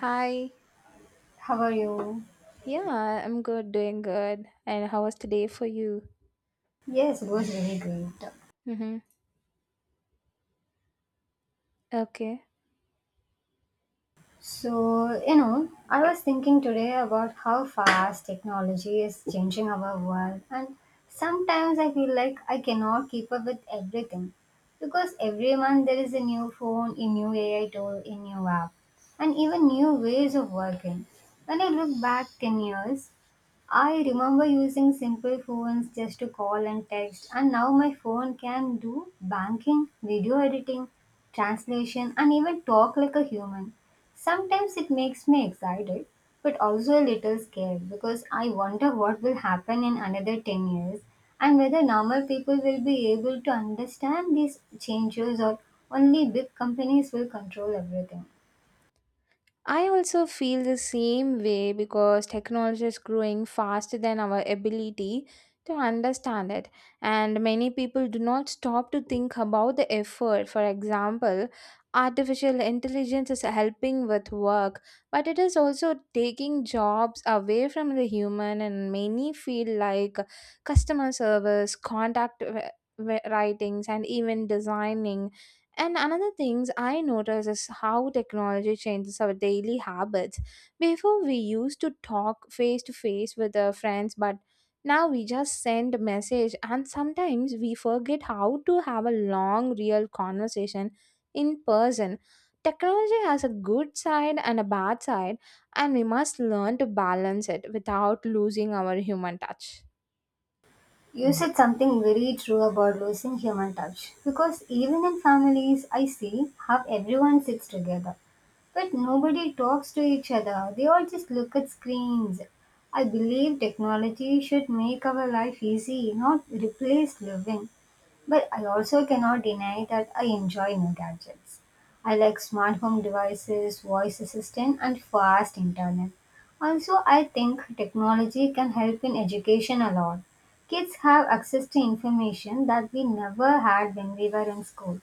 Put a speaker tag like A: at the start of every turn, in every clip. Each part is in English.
A: Hi.
B: How are you?
A: Yeah, I'm good, doing good. And how was today for you?
B: Yes, it was really great.
A: Mm-hmm. Okay.
B: So, you know, I was thinking today about how fast technology is changing our world, and sometimes I feel like I cannot keep up with everything because every month there is a new phone, a new AI tool, a new app, and even new ways of working. When I look back 10 years, I remember using simple phones just to call and text, and now my phone can do banking, video editing, translation, and even talk like a human. Sometimes it makes me excited, but also a little scared because I wonder what will happen in another 10 years and whether normal people will be able to understand these changes or only big companies will control everything.
A: I also feel the same way because technology is growing faster than our ability to understand it, and many people do not stop to think about the effort. For example, artificial intelligence is helping with work, but it is also taking jobs away from the human, and many feel like customer service, writings, and even designing and another things I notice is how technology changes our daily habits. Before we used to talk face to face with our friends, but now we just send a message and sometimes we forget how to have a long real conversation in person. Technology has a good side and a bad side and we must learn to balance it without losing our human touch.
B: You said something very true about losing human touch because even in families, I see how everyone sits together but nobody talks to each other, they all just look at screens. I believe technology should make our life easy, not replace living. But I also cannot deny that I enjoy new gadgets. I like smart home devices, voice assistant, and fast internet. Also, I think technology can help in education a lot. Kids have access to information that we never had when we were in school.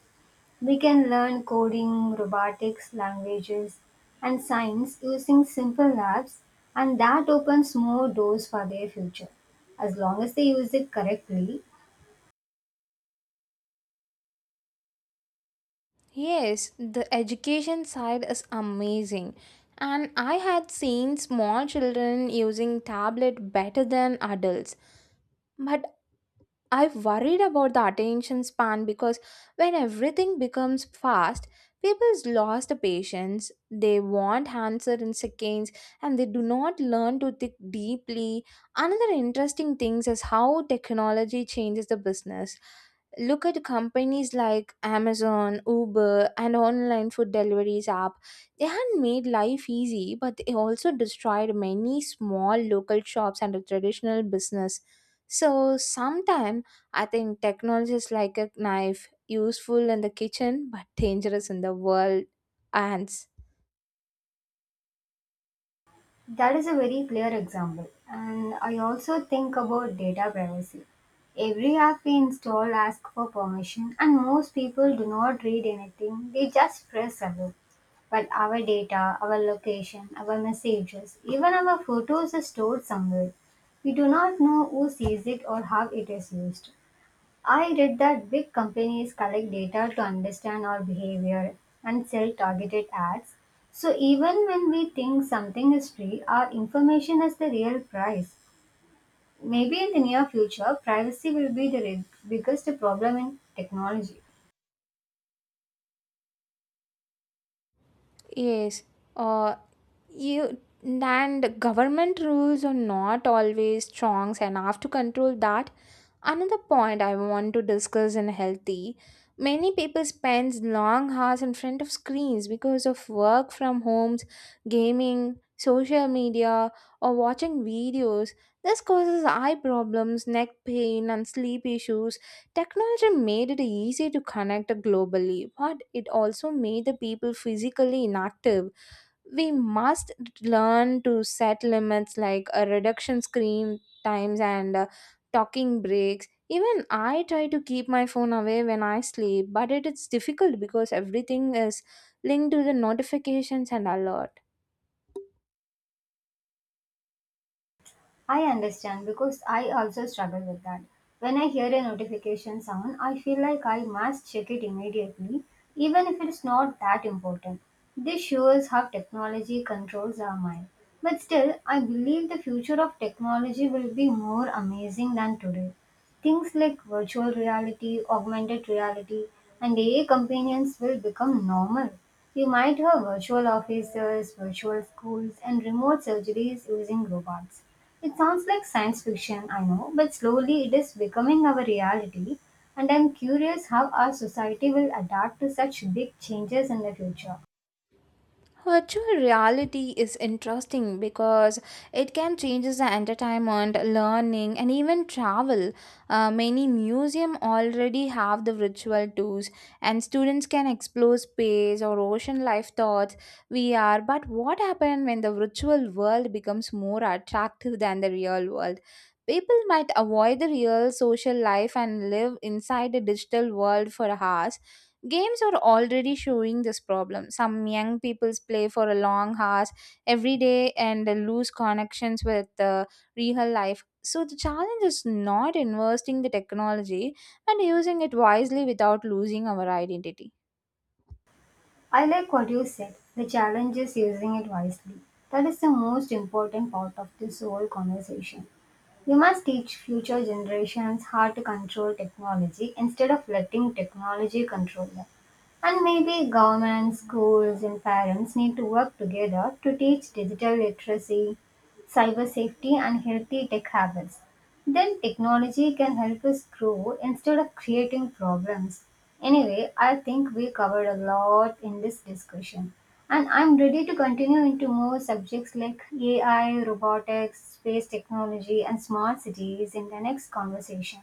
B: We can learn coding, robotics, languages, and science using simple labs, and that opens more doors for their future. As long as they use it correctly,
A: Yes, the education side is amazing. And I had seen small children using tablet better than adults. But I've worried about the attention span because when everything becomes fast, people lose the patience. They want answer in seconds and they do not learn to think deeply. Another interesting thing is how technology changes the business. Look at companies like Amazon, Uber, and online food deliveries app. They had made life easy, but they also destroyed many small local shops and a traditional business. So sometimes I think technology is like a knife, useful in the kitchen but dangerous in the world hands.
B: that is a very clear example. And I also think about data privacy. Every app we install asks for permission, and most people do not read anything, they just press allow. But our data, our location, our messages, even our photos are stored somewhere. We do not know who sees it or how it is used. I read that big companies collect data to understand our behavior and sell targeted ads. So even when we think something is free, our information is the real price. Maybe in the near future, privacy will be the biggest problem in technology.
A: Yes, uh, you and government rules are not always strong enough to control that. Another point I want to discuss in healthy. Many people spend long hours in front of screens because of work from homes, gaming, social media, or watching videos. This causes eye problems, neck pain, and sleep issues. Technology made it easy to connect globally, but it also made the people physically inactive. We must learn to set limits like a reduction screen times and talking breaks. Even I try to keep my phone away when I sleep, but it is difficult because everything is linked to the notifications and alerts.
B: I understand because I also struggle with that. When I hear a notification sound, I feel like I must check it immediately, even if it's not that important. This shows how technology controls our mind. But still, I believe the future of technology will be more amazing than today. Things like virtual reality, augmented reality, and AI companions will become normal. You might have virtual offices, virtual schools, and remote surgeries using robots. It sounds like science fiction, I know, but slowly it is becoming our reality, and I'm curious how our society will adapt to such big changes in the future.
A: Virtual reality is interesting because it can change the entertainment, learning, and even travel. Many museums already have the virtual tours, and students can explore space or ocean life thoughts VR. But what happens when the virtual world becomes more attractive than the real world? People might avoid the real social life and live inside a digital world for hours. Games are already showing this problem. Some young people play for a long hours every day and lose connections with the real life. So the challenge is not investing the technology and using it wisely without losing our identity.
B: I like what you said. The challenge is using it wisely. That is the most important part of this whole conversation. We must teach future generations how to control technology instead of letting technology control them. And maybe governments, schools, and parents need to work together to teach digital literacy, cyber safety, and healthy tech habits. Then technology can help us grow instead of creating problems. Anyway, I think we covered a lot in this discussion. And I'm ready to continue into more subjects like AI, robotics, space technology, and smart cities in the next conversation.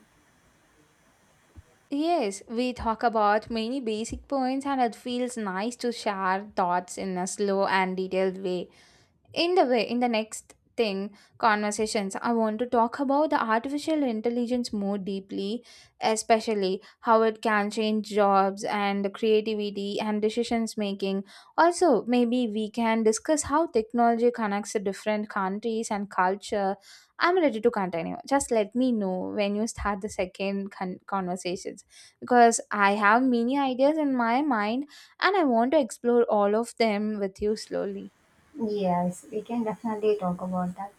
A: Yes, we talk about many basic points and it feels nice to share thoughts in a slow and detailed way. In the way, in the next thing, conversations, I want to talk about the artificial intelligence more deeply, especially how it can change jobs and creativity and decisions making. Also, maybe we can discuss how technology connects to different countries and culture. I'm ready to continue. Just let me know when you start the conversations because I have many ideas in my mind and I want to explore all of them with you slowly.
B: Yes, we can definitely talk about that.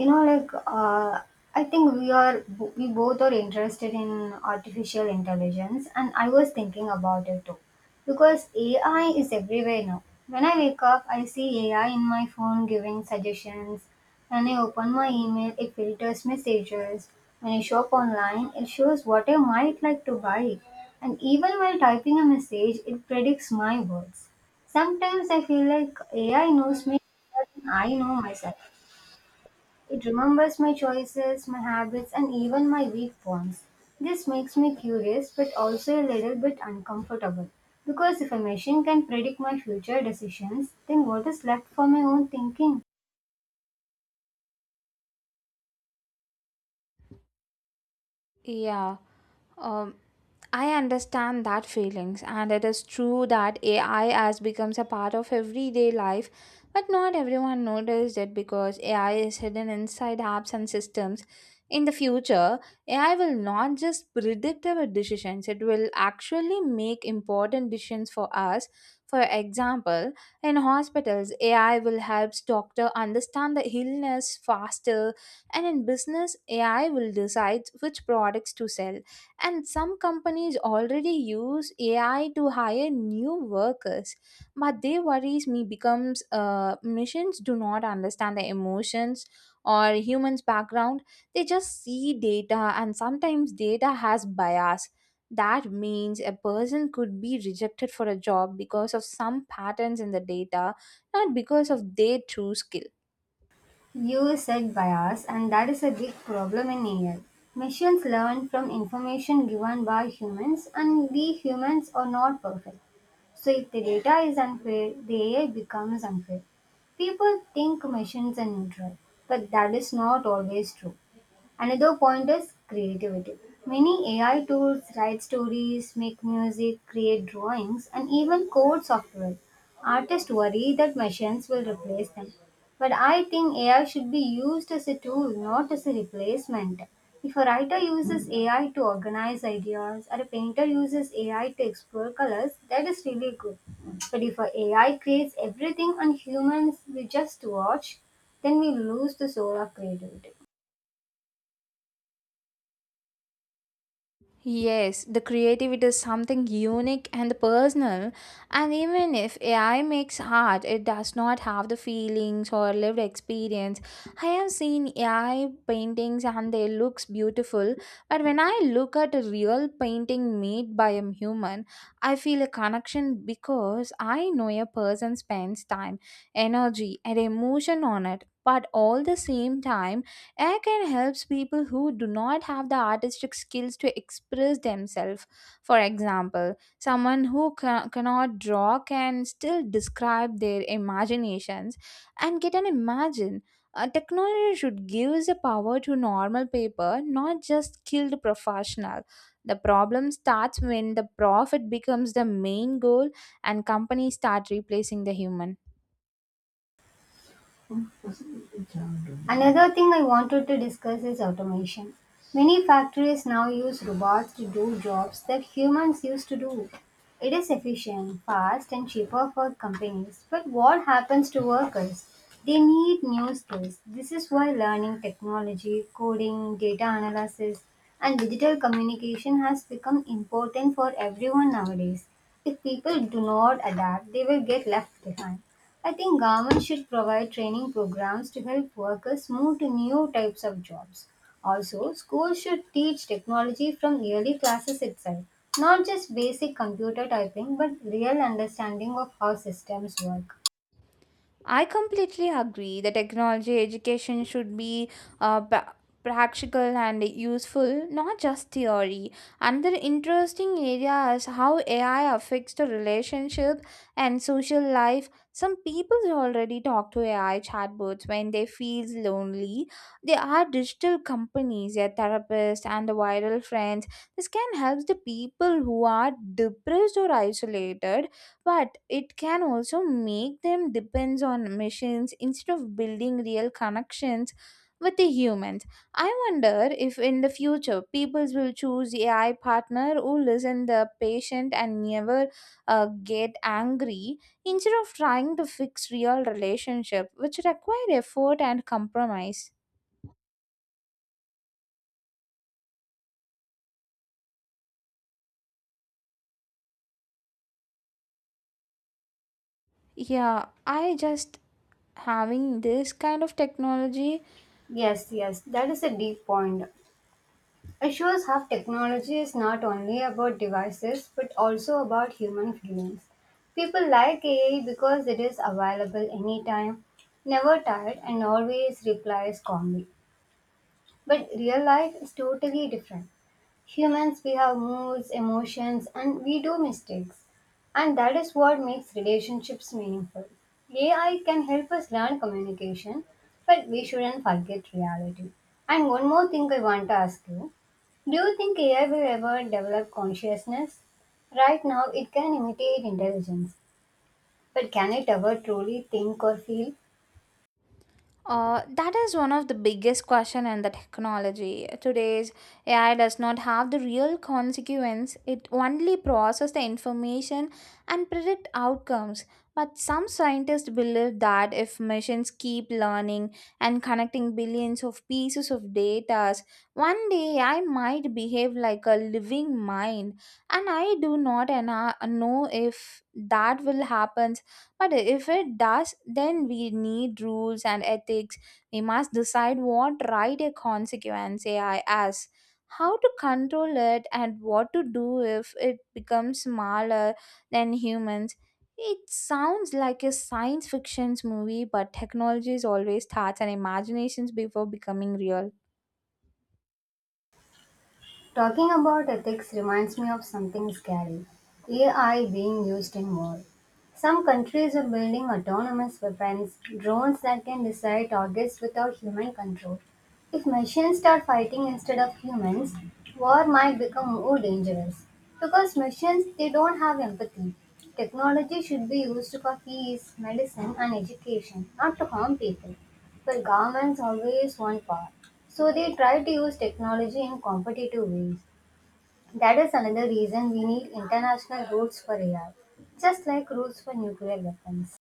B: you know like uh, I think we both are interested in artificial intelligence. And I was thinking about it too because AI is everywhere now. When I wake up, I see AI in my phone giving suggestions. When I open my email, it filters messages. When I shop online, it shows what I might like to buy. And even while typing a message, it predicts my words. Sometimes I feel like AI knows me better than I know myself. It remembers my choices, my habits, and even my weak points. This makes me curious but also a little bit uncomfortable. Because if a machine can predict my future decisions, then what is left for my own thinking?
A: Yeah. Um, I understand that feelings, and it is true that AI has becomes a part of everyday life, but not everyone noticed it because AI is hidden inside apps and systems. In the future, AI will not just predict our decisions; it will actually make important decisions for us. For example, in hospitals, AI will help doctor understand the illness faster, and in business, AI will decide which products to sell. And some companies already use AI to hire new workers. But they worries me becomes machines do not understand the emotions or humans' background. They just see data and sometimes data has bias. That means a person could be rejected for a job because of some patterns in the data, not because of their true skill.
B: You said bias, and that is a big problem in AI. Machines learn from information given by humans, and we humans are not perfect. So if the data is unfair, the AI becomes unfair. People think machines are neutral, but that is not always true. Another point is creativity. Many AI tools write stories, make music, create drawings, and even code software. Artists worry that machines will replace them. But I think AI should be used as a tool, not as a replacement. If a writer uses AI to organize ideas or a painter uses AI to explore colors, that is really good. But if a AI creates everything and humans will just watch, then we lose the soul of creativity.
A: Yes, the creativity is something unique and personal, and even if AI makes art, it does not have the feelings or lived experience. I have seen AI paintings and they looks beautiful, but when I look at a real painting made by a human, I feel a connection because I know a person spends time, energy, and emotion on it. But all the same time, Air can helps people who do not have the artistic skills to express themselves. For example, someone who cannot draw can still describe their imaginations and get an imagine. Technology should give the power to normal people, not just skilled professional. The problem starts when the profit becomes the main goal and companies start replacing the human.
B: Another thing I wanted to discuss is automation. Many factories now use robots to do jobs that humans used to do. It is efficient, fast, and cheaper for companies. But what happens to workers? They need new skills. This is why learning technology, coding, data analysis, and digital communication has become important for everyone nowadays. If people do not adapt, they will get left behind. I think government should provide training programs to help workers move to new types of jobs. Also, schools should teach technology from early classes itself, not just basic computer typing, but real understanding of how systems work.
A: I completely agree that technology education should be uh, pra- practical and useful, not just theory. Another interesting area is how AI affects the relationship and social life. Some people already talk to AI chatbots when they feel lonely. They are digital companies, their therapists and the viral friends. This can help the people who are depressed or isolated but it can also make them depends on machines instead of building real connections with the humans. I wonder if in the future people will choose AI partner who listen the patient and never uh, get angry instead of trying to fix real relationship which require effort and compromise. Yeah, I just having this kind of technology.
B: Yes, yes, that is a deep point. It shows how technology is not only about devices but also about human feelings. People like AI because it is available anytime, never tired, and always replies calmly. But real life is totally different. Humans, we have moods, emotions, and we do mistakes. And that is what makes relationships meaningful. AI can help us learn communication, but we shouldn't forget reality. And one more thing I want to ask you: do you think AI will ever develop consciousness? Right now, it can imitate intelligence, but can it ever truly think or feel?
A: That is one of the biggest question in the technology. Today's AI does not have the real consequence. It only process the information and predict outcomes. But some scientists believe that if machines keep learning and connecting billions of pieces of data, one day AI might behave like a living mind. And I do not know if that will happen but if it does, then we need rules and ethics. We must decide what right a consequence AI has, how to control it, and what to do if it becomes smaller than humans. It sounds like a science fiction movie, but technology is always starts and imaginations before becoming real.
B: Talking about ethics reminds me of something scary: AI being used in war. Some countries are building autonomous weapons, drones that can decide targets without human control. If machines start fighting instead of humans, war might become more dangerous. Because machines, they don't have empathy. Technology should be used for peace, medicine, and education, not to harm people. Well, governments always want power, so they try to use technology in competitive ways. That is another reason we need international rules for AI, just like rules for nuclear weapons.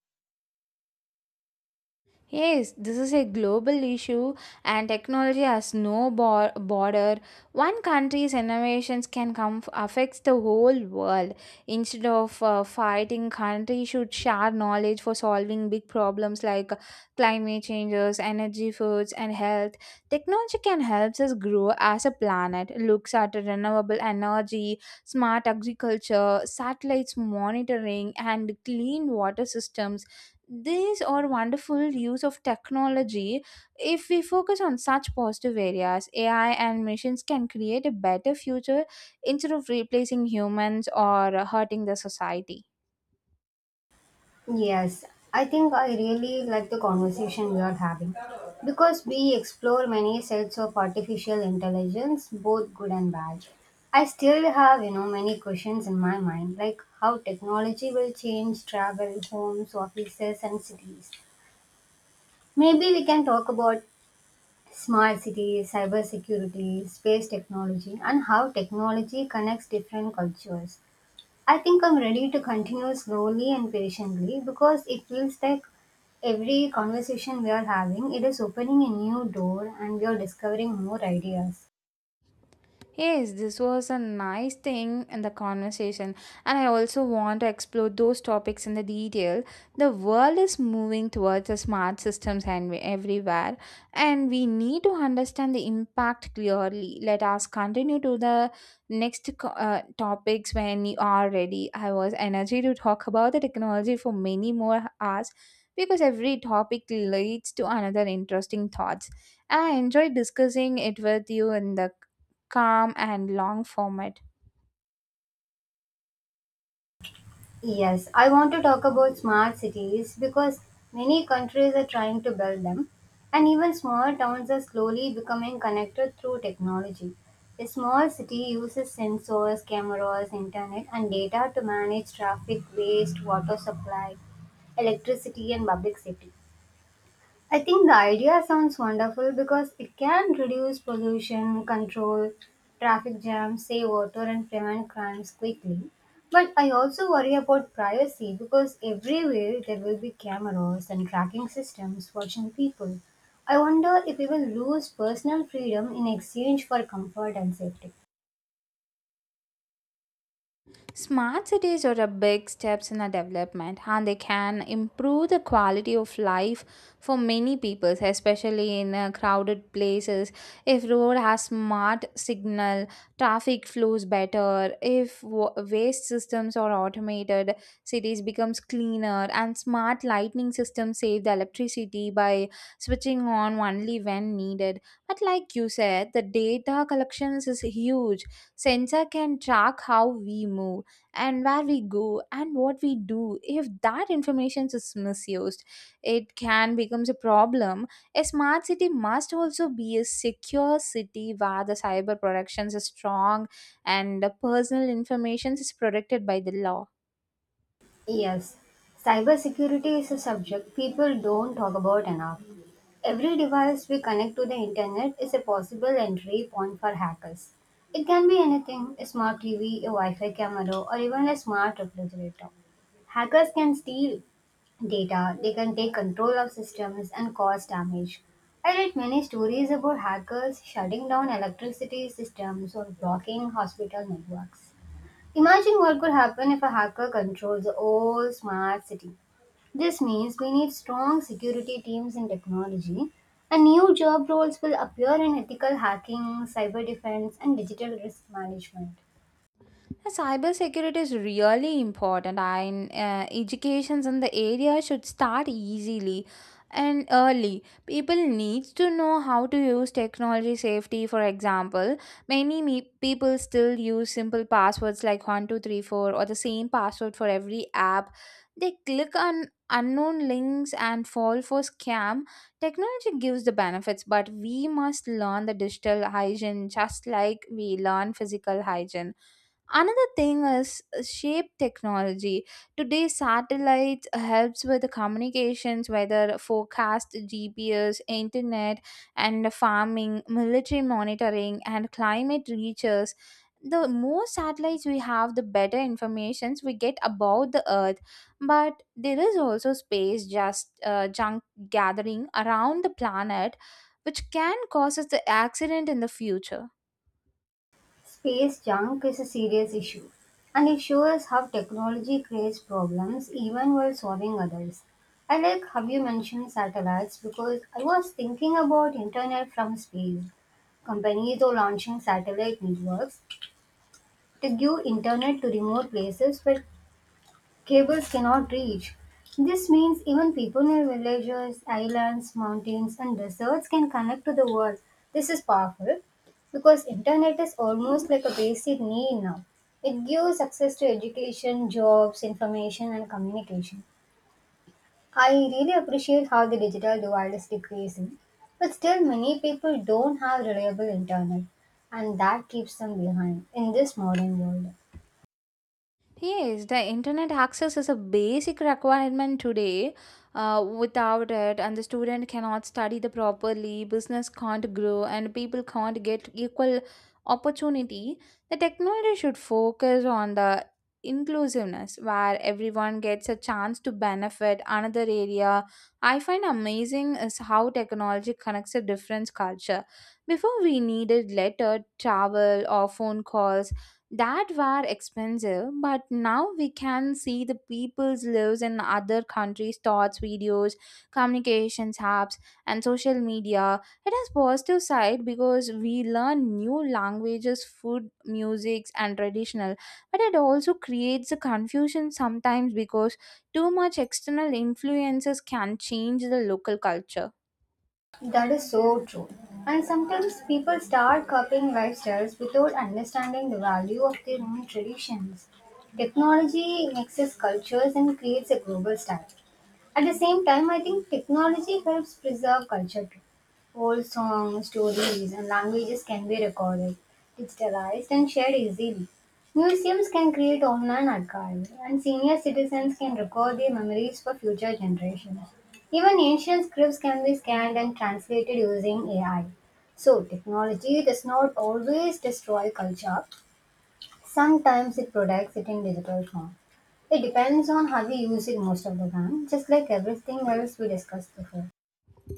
A: Yes, this is a global issue and technology has no border. One country's innovations can come affects the whole world. Instead of fighting, countries should share knowledge for solving big problems like climate changes, energy, foods and health. Technology can help us grow as a planet. Looks at renewable energy, smart agriculture, satellites monitoring and clean water systems, these are wonderful use of technology. If we focus on such positive areas, AI and machines can create a better future instead of replacing humans or hurting the society.
B: Yes, I think I really like the conversation we are having because we explore many sides of artificial intelligence, both good and bad. I still have, you know, many questions in my mind, like how technology will change travel, homes, offices, and cities. Maybe we can talk about smart cities, cybersecurity, space technology, and how technology connects different cultures. I think I'm ready to continue slowly and patiently because it feels like every conversation we are having, it is opening a new door and we are discovering more ideas.
A: Yes, this was a nice thing in the conversation, and I also want to explore those topics in the detail. The world is moving towards the smart systems and everywhere, and we need to understand the impact clearly. Let us continue to the topics when you are ready. I was energy to talk about the technology for many more hours because every topic leads to another interesting thoughts. I enjoyed discussing it with you in the calm and long format.
B: Yes, I want to talk about smart cities because many countries are trying to build them, and even small towns are slowly becoming connected through technology. A small city uses sensors, cameras, internet, and data to manage traffic, waste, water supply, electricity, and public safety. I think the idea sounds wonderful because it can reduce pollution, control traffic jams, save water, and prevent crimes quickly. But I also worry about privacy because everywhere there will be cameras and tracking systems watching people. I wonder if we will lose personal freedom in exchange for comfort and safety.
A: Smart cities are a big steps in our development and they can improve the quality of life for many people, especially in crowded places. If road has smart signal, traffic flows better, if waste systems are automated, cities becomes cleaner and smart lighting systems save the electricity by switching on only when needed. But like you said, the data collections is huge. Sensor can track how we move and where we go and what we do. If that information is misused it can becomes a problem. A smart city must also be a secure city where the cyber protections are strong and the personal information is protected by the law.
B: Yes, cybersecurity is a subject people don't talk about enough. Every device we connect to the internet is a possible entry point for hackers. It can be anything: a smart TV, a Wi Fi camera, or even a smart refrigerator. Hackers can steal data, they can take control of systems and cause damage. I read many stories about hackers shutting down electricity systems or blocking hospital networks. Imagine what could happen if a hacker controls the whole smart city. This means we need strong security teams in technology, and new job roles will appear in ethical hacking, cyber defense, and digital risk management.
A: Cybersecurity is really important. I educations in the area should start easily and early. People need to know how to use technology safety. For example, people still use simple passwords like 1234 or the same password for every app. They click on unknown links and fall for scam. Technology gives the benefits, but we must learn the digital hygiene just like we learn physical hygiene. Another thing is shape technology. Today, satellites helps with the communications, whether forecast, GPS, internet, and farming, military monitoring, and climate research. The more satellites we have, the better informations we get about the Earth. But there is also space just junk gathering around the planet, which can cause us the accident in the future.
B: Space junk is a serious issue, and it shows how technology creates problems even while solving others. I like how you mentioned satellites because I was thinking about internet from space. Companies are launching satellite networks to give internet to remote places where cables cannot reach. This means even people in villages, islands, mountains, and deserts can connect to the world. This is powerful because internet is almost like a basic need now. It gives access to education, jobs, information, and communication. I really appreciate how the digital divide is decreasing, but still many people don't have reliable internet, and that keeps them behind in this modern world.
A: Yes, the internet access is a basic requirement today. Without it, and the student cannot study the properly, business can't grow, and people can't get equal opportunity. The technology should focus on the inclusiveness where everyone gets a chance to benefit another area. I find amazing is how technology connects a different culture. Before, we needed letter, travel, or phone calls that were expensive, but now we can see the people's lives in other countries thoughts videos, communications apps, and social media. It has positive side because we learn new languages, food, musics, and traditional, but it also creates a confusion sometimes because too much external influences can change the local culture.
B: That is so true. And sometimes people start copying lifestyles without understanding the value of their own traditions. Technology mixes cultures and creates a global style. At the same time, I think technology helps preserve culture too. Old songs, stories, and languages can be recorded, digitalized, and shared easily. Museums can create online archives, and senior citizens can record their memories for future generations. Even ancient scripts can be scanned and translated using AI. So, technology does not always destroy culture, sometimes it protects it in digital form. It depends on how we use it most of the time, just like everything else we discussed before.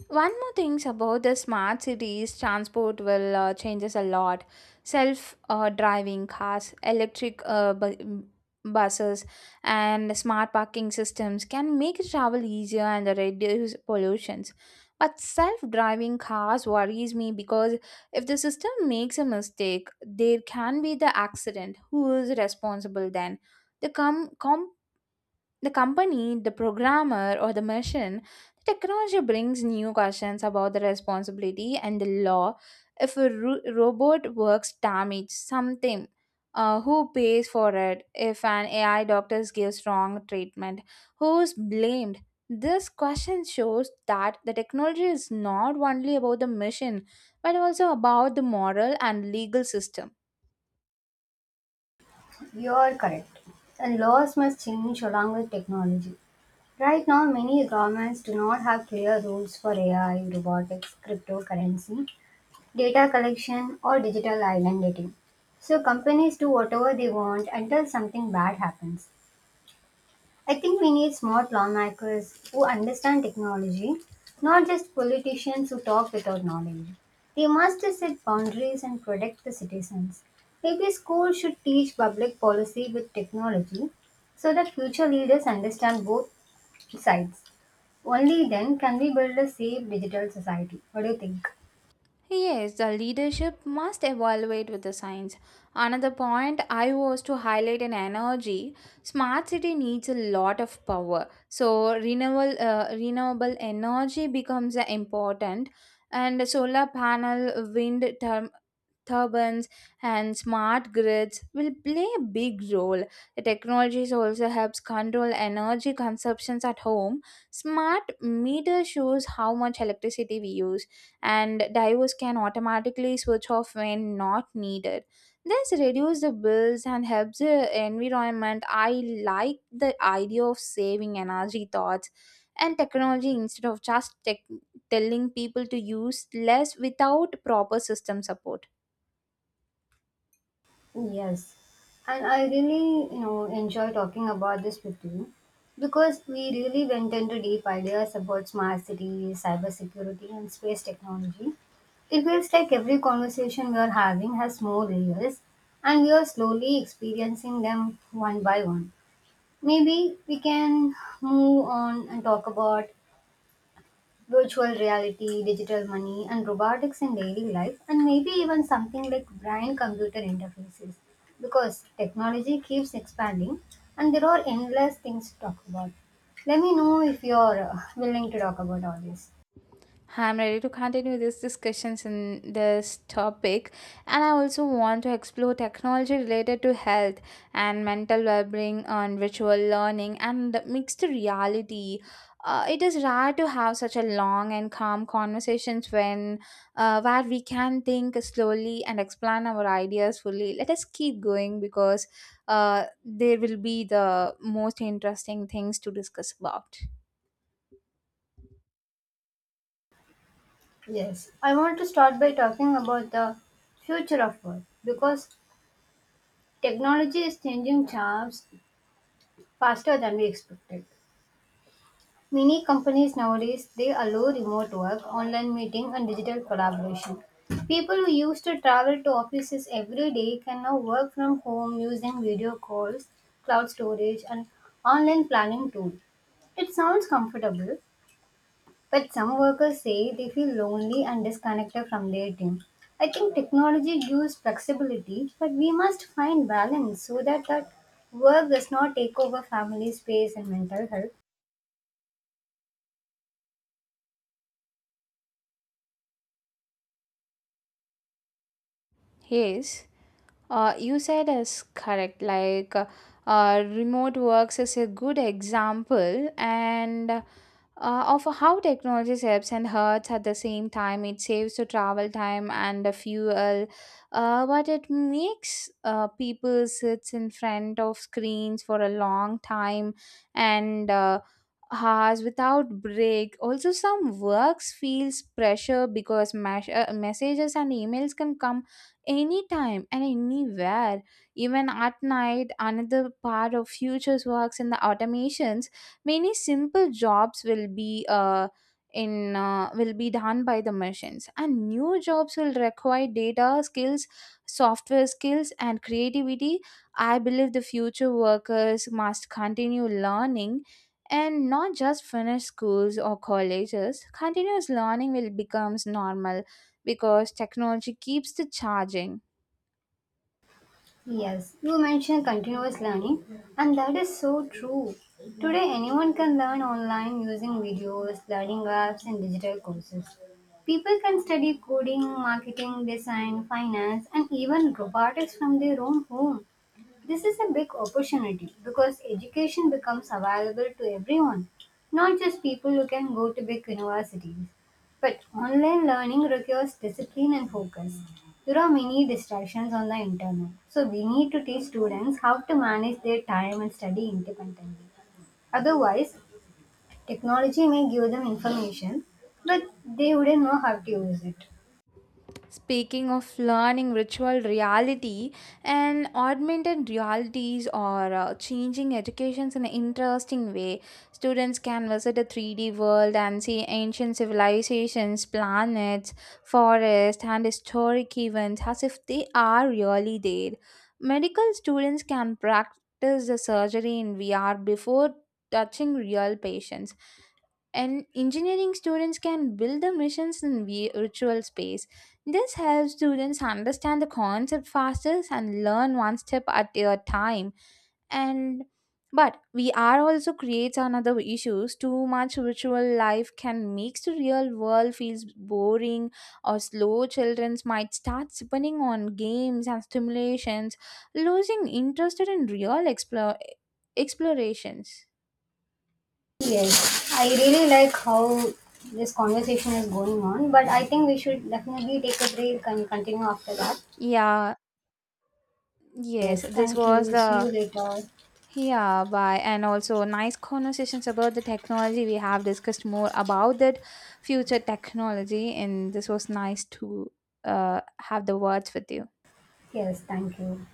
A: One more thing about the smart cities, transport will changes a lot. Self driving cars, electric buses, and smart parking systems can make travel easier and reduce pollutions. But self driving cars worries me because if the system makes a mistake, there can be the accident. Who is responsible then? The com- com- the company, the programmer, or the machine, the technology brings new questions about the responsibility and the law. If a robot works damage something, who pays for it? If an AI doctor gives wrong treatment, who's blamed? This question shows that the technology is not only about the machine, but also about the moral and legal system.
B: You're correct. And laws must change along with technology. Right now, many governments do not have clear rules for AI, robotics, cryptocurrency, data collection, or digital identity. So companies do whatever they want until something bad happens. I think we need smart lawmakers who understand technology, not just politicians who talk without knowledge. They must set boundaries and protect the citizens. Maybe schools should teach public policy with technology so that future leaders understand both sides. Only then can we build a safe digital society. What do you think?
A: Yes, the leadership must evaluate with the science. Another point I was to highlight in energy, smart city needs a lot of power. So renewable renewable energy becomes important, and solar panel, wind term, turbines, and smart grids will play a big role. The technologies also helps control energy consumptions at home. Smart meter shows how much electricity we use and divers can automatically switch off when not needed. This reduces the bills and helps the environment. I like the idea of saving energy thoughts and technology instead of just telling people to use less without proper system support.
B: Yes, and I really, you know, enjoy talking about this with you because we really went into deep ideas about smart cities, cybersecurity, and space technology. It feels like every conversation we are having has more layers, and we are slowly experiencing them one by one. Maybe we can move on and talk about virtual reality, digital money, and robotics in daily life, and maybe even something like brain computer interfaces. Because technology keeps expanding and there are endless things to talk about. Let me know if you're willing to talk about all this.
A: I'm ready to continue these discussions in this topic, and I also want to explore technology related to health and mental well-being on virtual learning and the mixed reality. It is rare to have such a long and calm conversations when where we can think slowly and explain our ideas fully. Let us keep going because there will be the most interesting things to discuss about.
B: Yes, I want to start by talking about the future of work because technology is changing jobs faster than we expected. Many companies nowadays they allow remote work, online meeting and digital collaboration. People who used to travel to offices every day can now work from home using video calls, cloud storage and online planning tool. It sounds comfortable, but some workers say they feel lonely and disconnected from their team. I think technology gives flexibility, but we must find balance so that work does not take over family space and mental health.
A: Yes. You said is correct. Like, remote works is a good example, and of how technology helps and hurts at the same time. It saves the travel time and the fuel, but it makes people sits in front of screens for a long time and hours without break. Also, some works feels pressure because messages and emails can come anytime and anywhere, even at night. Another part of futures works in the automations, many simple jobs will be in will be done by the machines, and new jobs will require data skills, software skills, and creativity. I believe the future workers must continue learning and not just finish schools or colleges. Continuous learning will becomes normal because technology keeps the charging.
B: Yes, you mentioned continuous learning, and that is so true. Today, anyone can learn online using videos, learning apps, and digital courses. People can study coding, marketing, design, finance, and even robotics from their own home. This is a big opportunity because education becomes available to everyone, not just people who can go to big universities. But online learning requires discipline and focus. There are many distractions on the internet, so we need to teach students how to manage their time and study independently. Otherwise, technology may give them information, but they wouldn't know how to use it.
A: Speaking of learning, virtual reality and augmented realities are changing educations in an interesting way. Students can visit a 3D world and see ancient civilizations, planets, forests, and historic events as if they are really there. Medical students can practice the surgery in VR before touching real patients, and engineering students can build the missions in virtual space. This helps students understand the concept faster and learn one step at a time. And but VR also creates another issues. Too much virtual life can make the real world feels boring or slow. Children might start depending on games and stimulations, losing interest in real explore explorations.
B: Yes, I really like how this conversation is going on, but I think we should definitely take a break and continue after that.
A: Yeah, yes,
B: Yes,
A: this
B: thank
A: was
B: you. See you
A: the.
B: later.
A: Yeah, bye. And also, nice conversations about the technology. We have discussed more about that future technology, and this was nice to have the words with you.
B: Yes, thank you.